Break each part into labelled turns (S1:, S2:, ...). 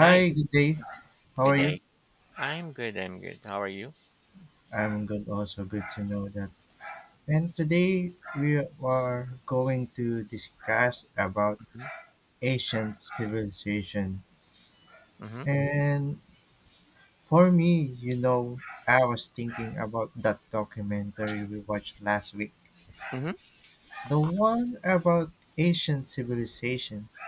S1: Hi,
S2: good day. How
S1: good
S2: are you?
S1: day. I'm good. How are you?
S2: I'm good, also good to know that. And today we are going to discuss about ancient civilization.
S1: Mhm.
S2: And for me, I was thinking about that documentary we watched last week.
S1: Mm-hmm.
S2: The one about ancient civilizations.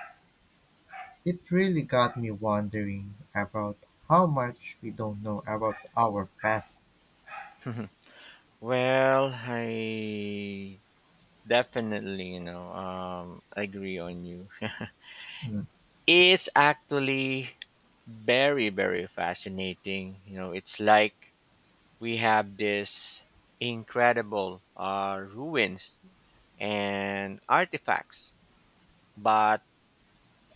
S2: It really got me wondering about how much we don't know about our past.
S1: Mm-hmm. Well, I definitely, agree on you.
S2: Mm,
S1: It's actually very, very fascinating. You know, it's like we have this incredible ruins and artifacts, but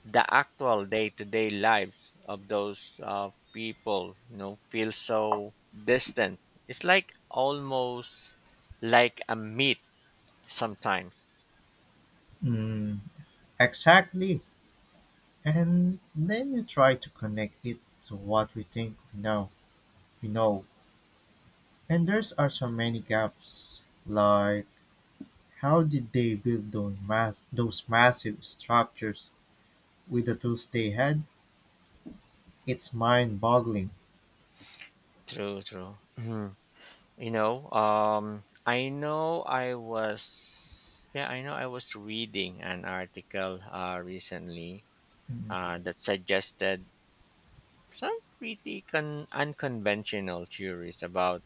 S1: the actual day-to-day lives of those people feel so distant. It's like almost like a myth sometimes.
S2: mm, exactly. And then you try to connect it to what we think we know we know, and there's are so many gaps, like how did they build those massive structures with the tools they had? It's mind-boggling.
S1: True true Mhm. you know I know I was yeah I know I was reading an article recently
S2: Mm,
S1: that suggested some pretty unconventional theories about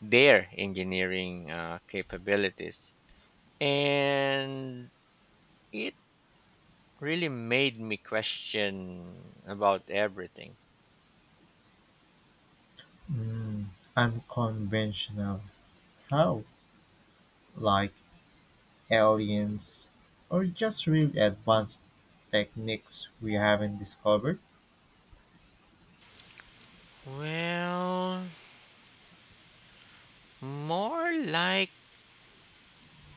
S1: their engineering capabilities, and it really made me question about everything.
S2: Mm, unconventional how, like aliens or just really advanced techniques we haven't discovered?
S1: Well, more like,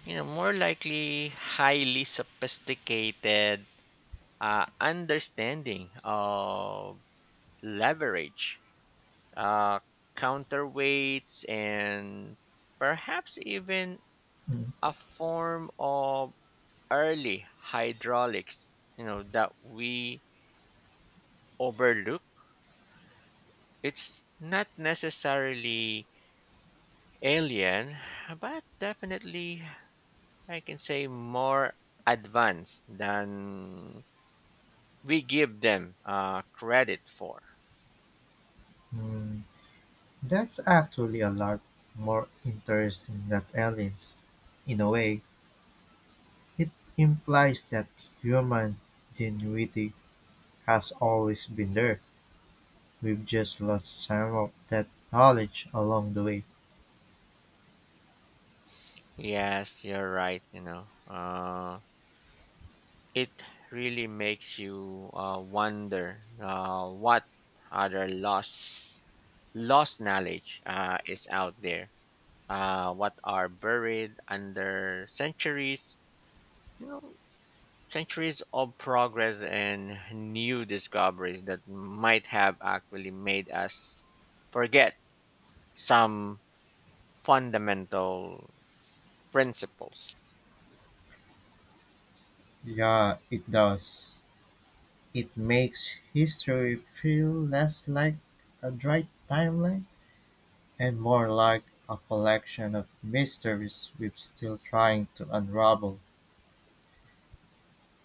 S1: you know, more likely highly sophisticated understanding of leverage, uh, counterweights, and perhaps even
S2: Mm.
S1: a form of early hydraulics, you know, that we overlook. It's not necessarily alien, but definitely I can say more advanced than we give them credit for.
S2: Mm. That's actually a lot more interesting than aliens. In a way, it implies that human ingenuity has always been there. We've just lost some of that knowledge along the way.
S1: Yes, you're right. It really makes you wonder what other lost knowledge is out there. What are buried under centuries? Centuries of progress and new discoveries that might have actually made us forget some fundamental principles.
S2: Yeah, it does. It makes history feel less like a dry timeline and more like a collection of mysteries we're still trying to unravel.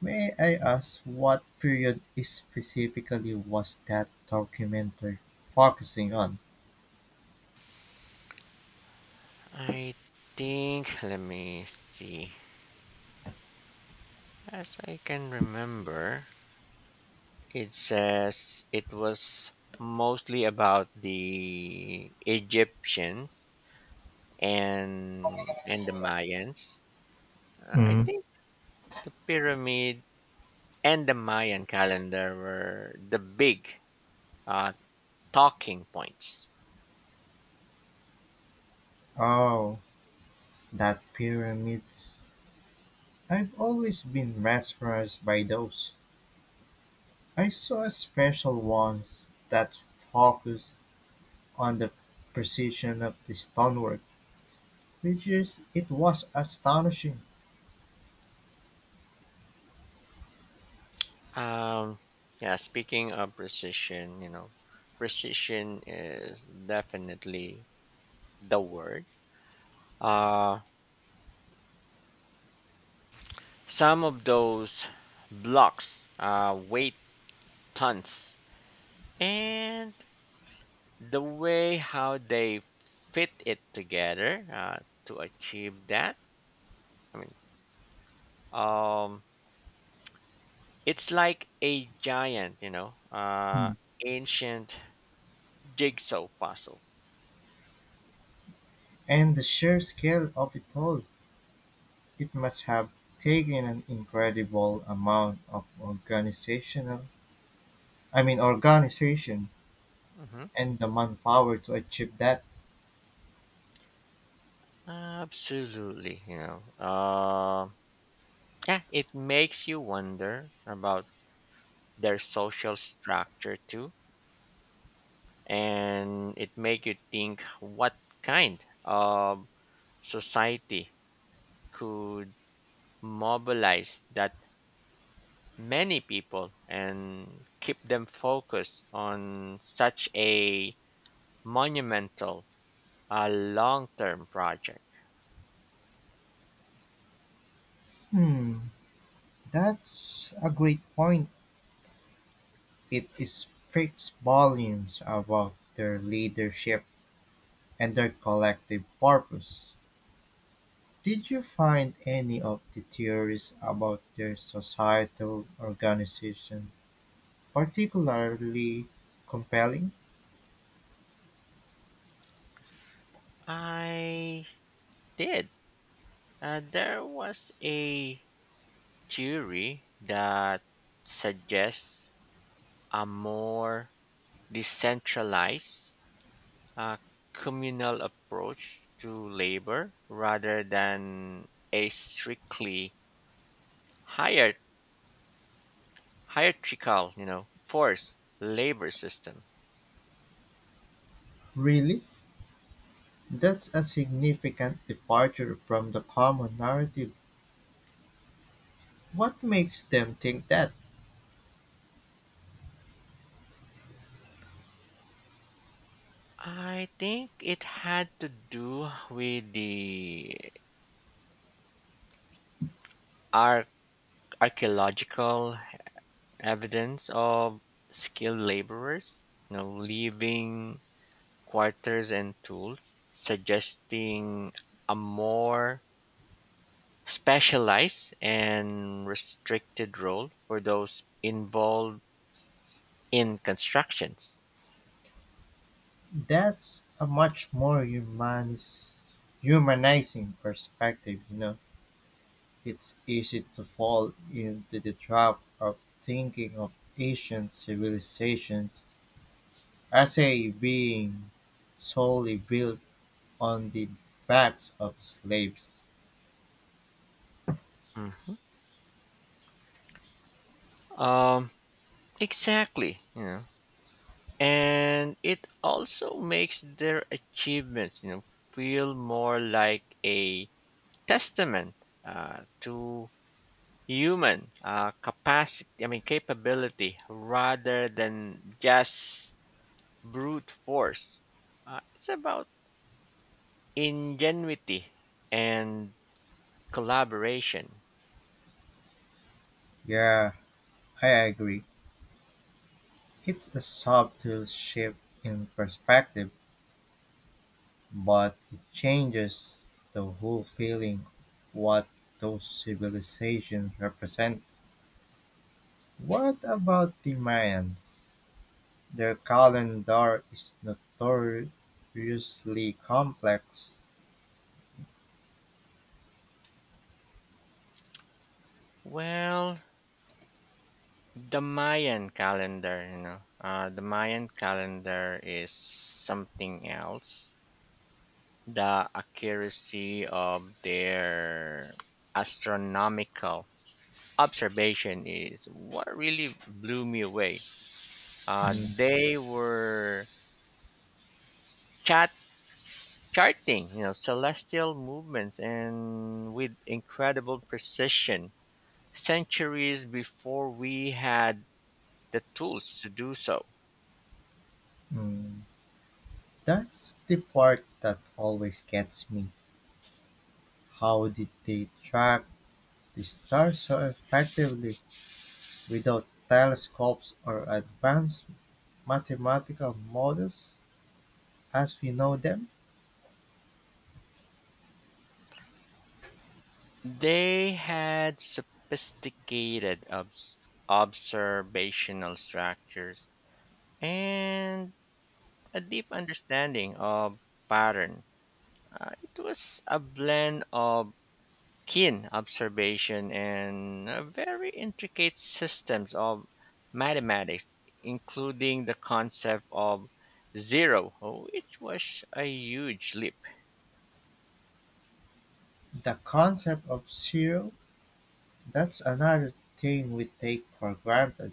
S2: May I ask what period specifically was that documentary focusing on?
S1: I think, let me see. As I can remember, it says it was mostly about the Egyptians and the Mayans. I
S2: Mm.
S1: think the pyramid and the Mayan calendar were the big uh, talking points.
S2: Oh, that pyramids. I've always been mesmerized by those. I saw a special ones that focused on the precision of the stonework, which is it was astonishing.
S1: Um, yeah, speaking of precision, you know, precision is definitely the word. Uh, some of those blocks weigh tons, and the way how they fit it together to achieve that. I mean, um, it's like a giant,
S2: Mm.
S1: ancient jigsaw puzzle.
S2: And the sheer scale of it all, it must have taken an incredible amount of organizational I mean organization
S1: Hmm.
S2: and the manpower to achieve that.
S1: Absolutely, you know. Yeah, it makes you wonder about their social structure too, and it make you think what kind of society could mobilize that many people and keep them focused on such a monumental, a long-term project.
S2: Hmm, that's a great point. It speaks volumes about their leadership and their collective purpose. Did you find any of the theories about their societal organization particularly compelling?
S1: I did. There was a theory that suggests a more decentralized, uh, communal approach to labor rather than a strictly hier- hierarchical, you know, forced labor system.
S2: Really? That's a significant departure from the common narrative. What makes them think that?
S1: I think it had to do with the arch- archaeological evidence of skilled laborers, you know, leaving quarters and tools, suggesting a more specialized and restricted role for those involved in constructions.
S2: That's a much more humanizing perspective, you know. It's easy to fall into the trap of thinking of ancient civilizations as a being solely built on the backs of slaves.
S1: Mhm. Um, exactly, you know, and it also makes their achievements, you know, feel more like a testament to human capacity, I mean, capability rather than just brute force. It's about ingenuity and collaboration.
S2: Yeah, I agree. It's a subtle shift in perspective, but it changes the whole feeling what those civilizations represent. What about the Mayans? Their calendar is notoriously complex.
S1: Well, the Mayan calendar, the Mayan calendar is something else. The accuracy of their astronomical observation is what really blew me away.
S2: Mm-mm.
S1: They were chat charting, you know, celestial movements and with incredible precision, centuries before we had the tools to do so.
S2: That's the part that always gets me. How did they track the stars so effectively without telescopes or advanced mathematical models as we know them?
S1: They had sophisticated observational structures and a deep understanding of pattern. It was a blend of keen observation and very intricate systems of mathematics, including the concept of zero, which was a huge leap.
S2: The concept of zero, that's another thing we take for granted.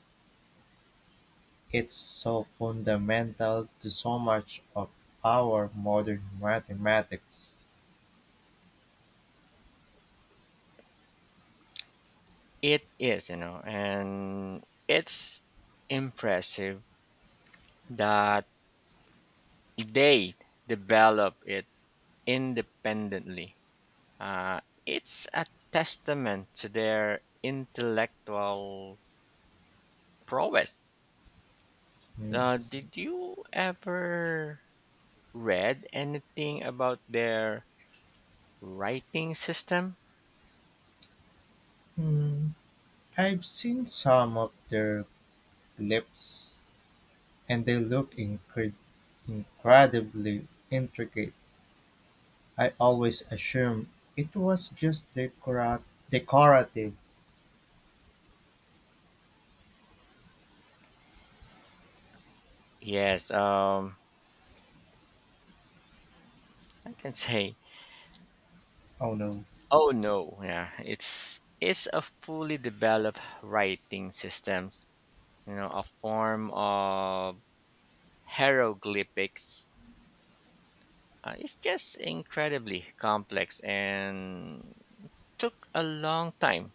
S2: It's so fundamental to so much of our modern mathematics.
S1: It is, you know, and it's impressive that they develop it independently. Uh, it's a testament to their intellectual prowess. Did you ever read anything about their writing system?
S2: Mhm. I've seen some of their clips and they look incredibly intricate. I always assumed it was just decorative.
S1: Yes, I can say,
S2: Oh no.
S1: oh no, yeah, it's a fully developed writing system. You know, a form of hieroglyphics. It's just incredibly complex and took a long time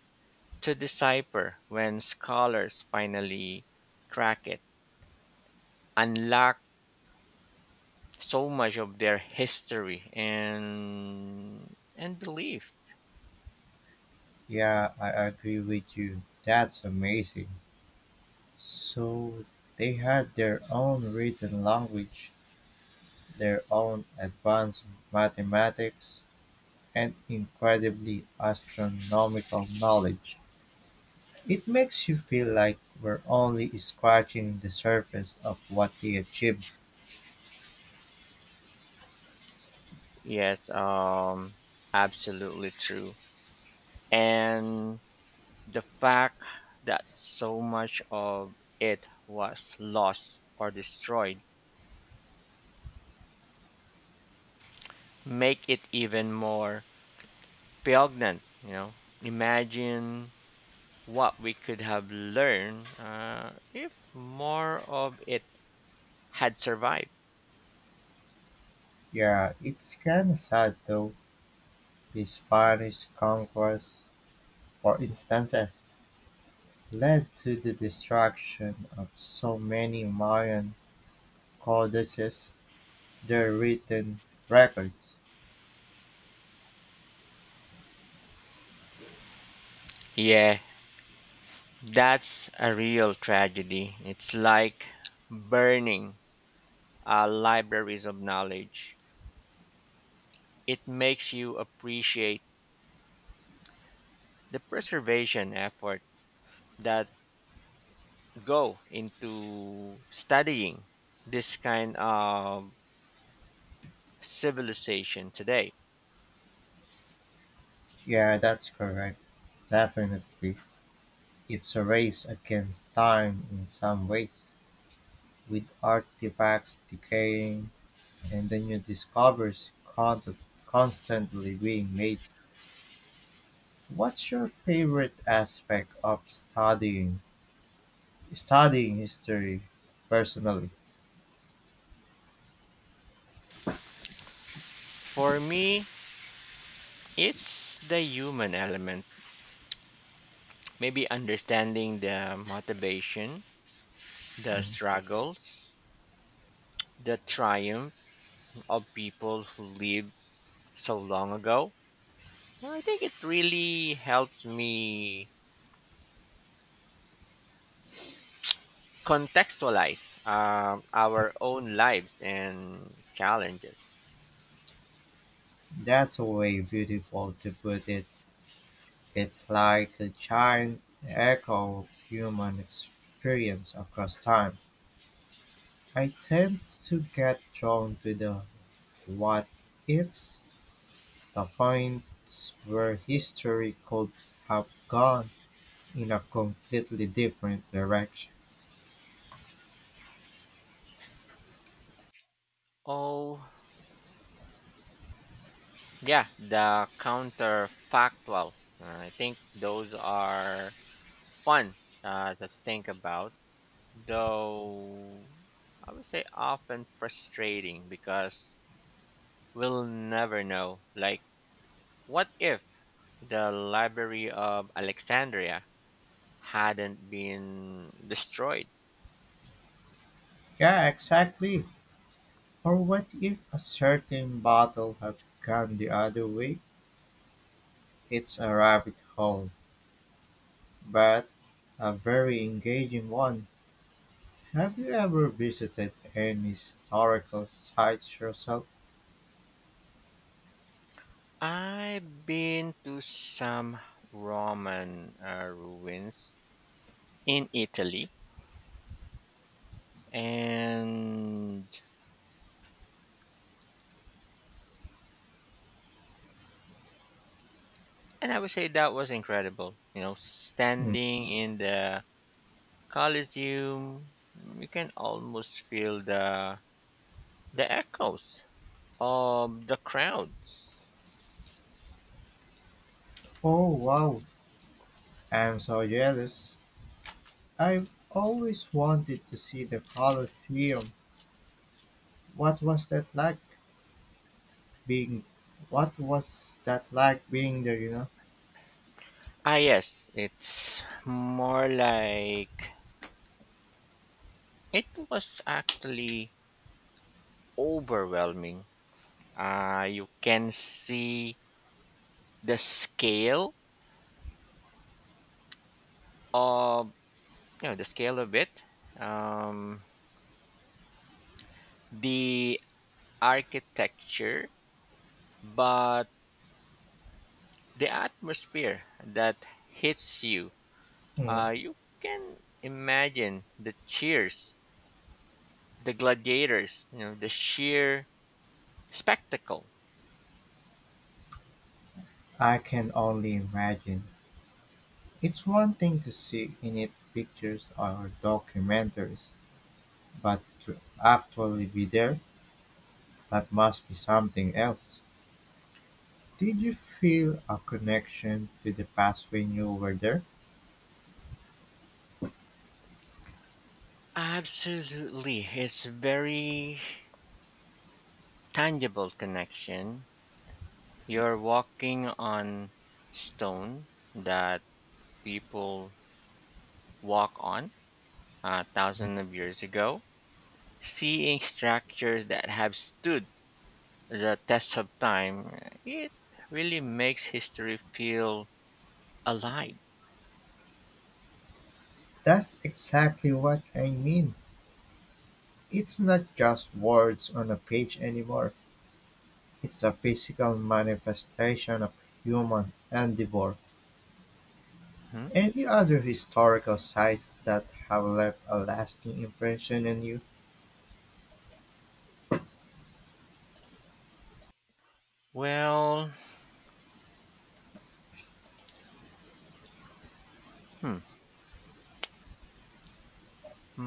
S1: to decipher. When scholars finally crack it, unlock so much of their history and belief.
S2: Yeah, I agree with you. That's amazing. So they had their own written language, their own advanced mathematics, and incredibly astronomical knowledge. It makes you feel like we're only scratching the surface of what they achieved.
S1: Yes, absolutely true. And the fact that so much of it was lost or destroyed make it even more poignant. You know, imagine what we could have learned if more of it had survived.
S2: Yeah, it's kinda sad though. The Spanish conquest, for instance, led to the destruction of so many Mayan codices, their written records.
S1: Yeah, that's a real tragedy. It's like burning libraries of knowledge. It makes you appreciate the preservation effort that go into studying this kind of civilization today.
S2: Yeah, that's correct. Definitely. It's a race against time in some ways, with artifacts decaying and the new discoveries constantly being made. What's your favorite aspect of studying history personally?
S1: For me, it's the human element. Maybe understanding the motivation, the
S2: Mm.
S1: struggles, the triumph of people who lived so long ago. Well, I think it really helped me contextualize our own lives and challenges.
S2: That's a way beautiful to put it. It's like a giant echo of human experience across time. I tend to get drawn to the what ifs. The finds where history could have gone in a completely different direction.
S1: Oh, yeah, the counterfactual. I think those are fun to think about, though I would say often frustrating because we'll never know. Like, what if the Library of Alexandria hadn't been destroyed?
S2: Yeah, exactly. Or what if a certain battle had gone the other way? It's a rabbit hole, but a very engaging one. Have you ever visited any historical sites yourself?
S1: I've been to some Roman ruins in Italy, and and I would say that was incredible. You know,
S2: Mm.
S1: standing in the Colosseum, you can almost feel the echoes of the crowds.
S2: Oh wow, I'm so jealous. I've always wanted to see the Colosseum. What was that like? being what was that like being there, you know?
S1: Ah, yes, it's more like it was actually overwhelming. You can see the scale Of you know the scale of it, um the architecture, but the atmosphere that hits you.
S2: Mm.
S1: Uh, you can imagine the cheers, the gladiators, you know, the sheer spectacle.
S2: I can only imagine. It's one thing to see in it pictures or documentaries, but to actually be there, that must be something else. Did you feel a connection to the past when you were there?
S1: Absolutely, it's very tangible connection. You're walking on stone that people walk on a thousand of years ago. Seeing structures that have stood the test of time, it really makes history feel alive.
S2: That's exactly what I mean. It's not just words on a page anymore. It's a physical manifestation of human endeavor.
S1: Hmm?
S2: Any other historical sites that have left a lasting impression on you?
S1: Well, hmm,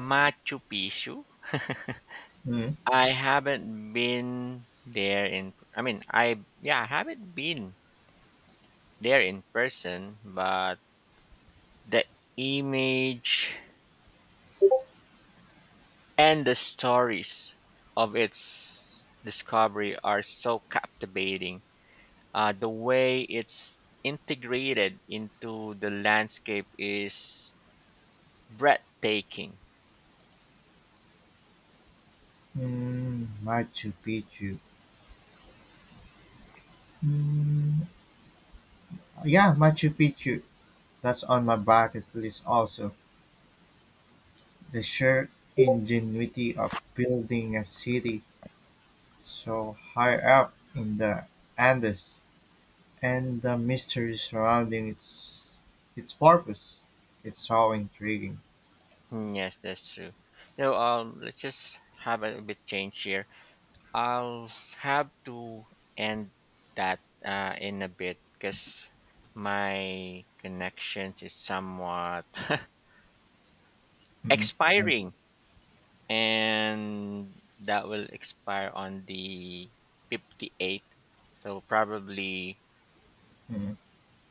S1: Machu Picchu.
S2: Hmm.
S1: I haven't been there in I mean I yeah, I haven't been there in person, but the image and the stories of its discovery are so captivating. The way it's integrated into the landscape is breathtaking.
S2: Hmm. Machu Picchu. Hmm. Yeah, Machu Picchu. That's on my bucket list also. The sheer ingenuity of building a city so high up in the Andes, and the mystery surrounding its purpose. It's so intriguing.
S1: Mm, yes, that's true. So let's just have a bit change here. I'll have to end that in a bit because my connections is somewhat
S2: Mm. Hmm. And,
S1: expiring, and that will expire on the 58th, so probably
S2: mm,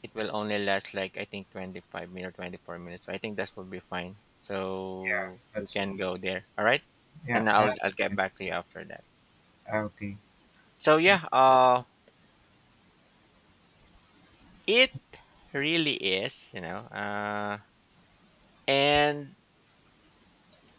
S1: it will only last like I think 25 minutes, 24 minutes. So I think that will be fine.
S2: yeah,
S1: So we
S2: that's
S1: can go there. All right.
S2: yeah.
S1: And
S2: I
S1: I'll get
S2: understand.
S1: back to you after that.
S2: Okay.
S1: So yeah, it really is, and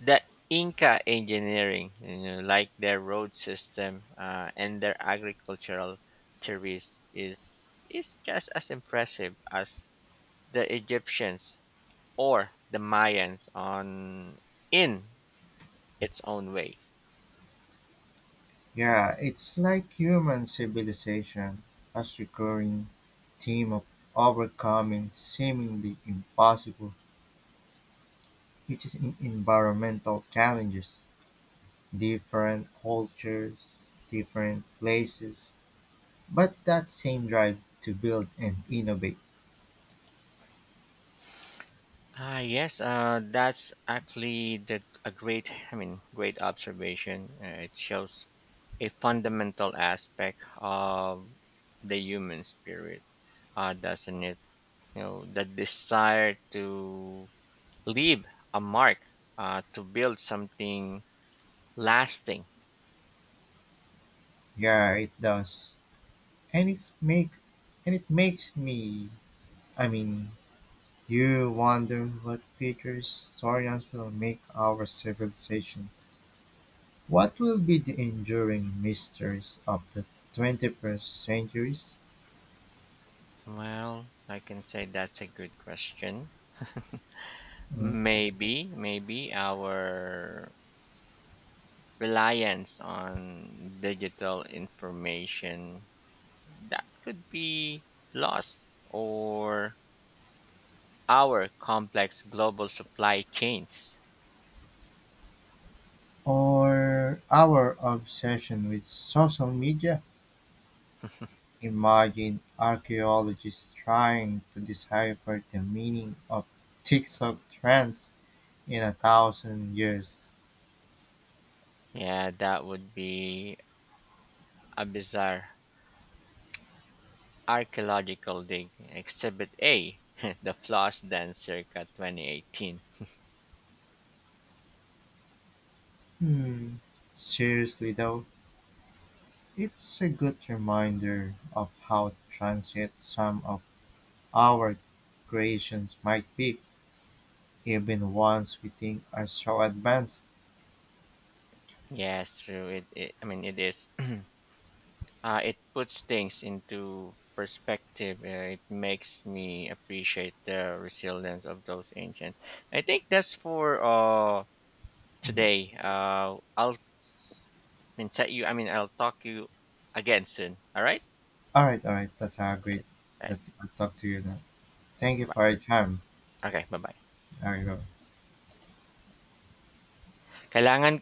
S1: the Inca engineering, you know, like their road system, and their agricultural theories is just as impressive as the Egyptians or the Mayans on in its own way.
S2: Yeah, it's like human civilization has recurring theme of overcoming seemingly impossible, which is in environmental challenges, different cultures, different places, but that same drive to build and innovate.
S1: Ah, yes, that's actually the, a great, I mean, great observation. It shows a fundamental aspect of the human spirit, doesn't it? You know, the desire to leave a mark, to build something lasting.
S2: Yeah, it does, and it's make and it makes me. I mean, you wonder what future historians will make our civilization. What will be the enduring mysteries of the 21st centuries?
S1: Well, I can say that's a good question.
S2: Mm.
S1: Maybe our reliance on digital information that could be lost, or our complex global supply chains.
S2: Or our obsession with social media? Imagine archaeologists trying to decipher the meaning of TikTok trends in 1,000 years.
S1: Yeah, that would be a bizarre archaeological dig. Exhibit A, the floss dance circa 2018.
S2: Hmm. Seriously though, it's a good reminder of how transient some of our creations might be, even ones we think are so advanced.
S1: Yes, true. It, I mean, it is it puts things into perspective. It makes me appreciate the resilience of those ancient. I think that's for
S2: Mm.
S1: today. I'll s- I mean, set you. I mean, I'll talk you again soon. All right.
S2: All right, all right. That's a great
S1: Okay.
S2: that I'll talk to you now. Thank you
S1: Bye.
S2: for your time.
S1: Okay. Bye. Bye.
S2: There you go.
S1: Kailangan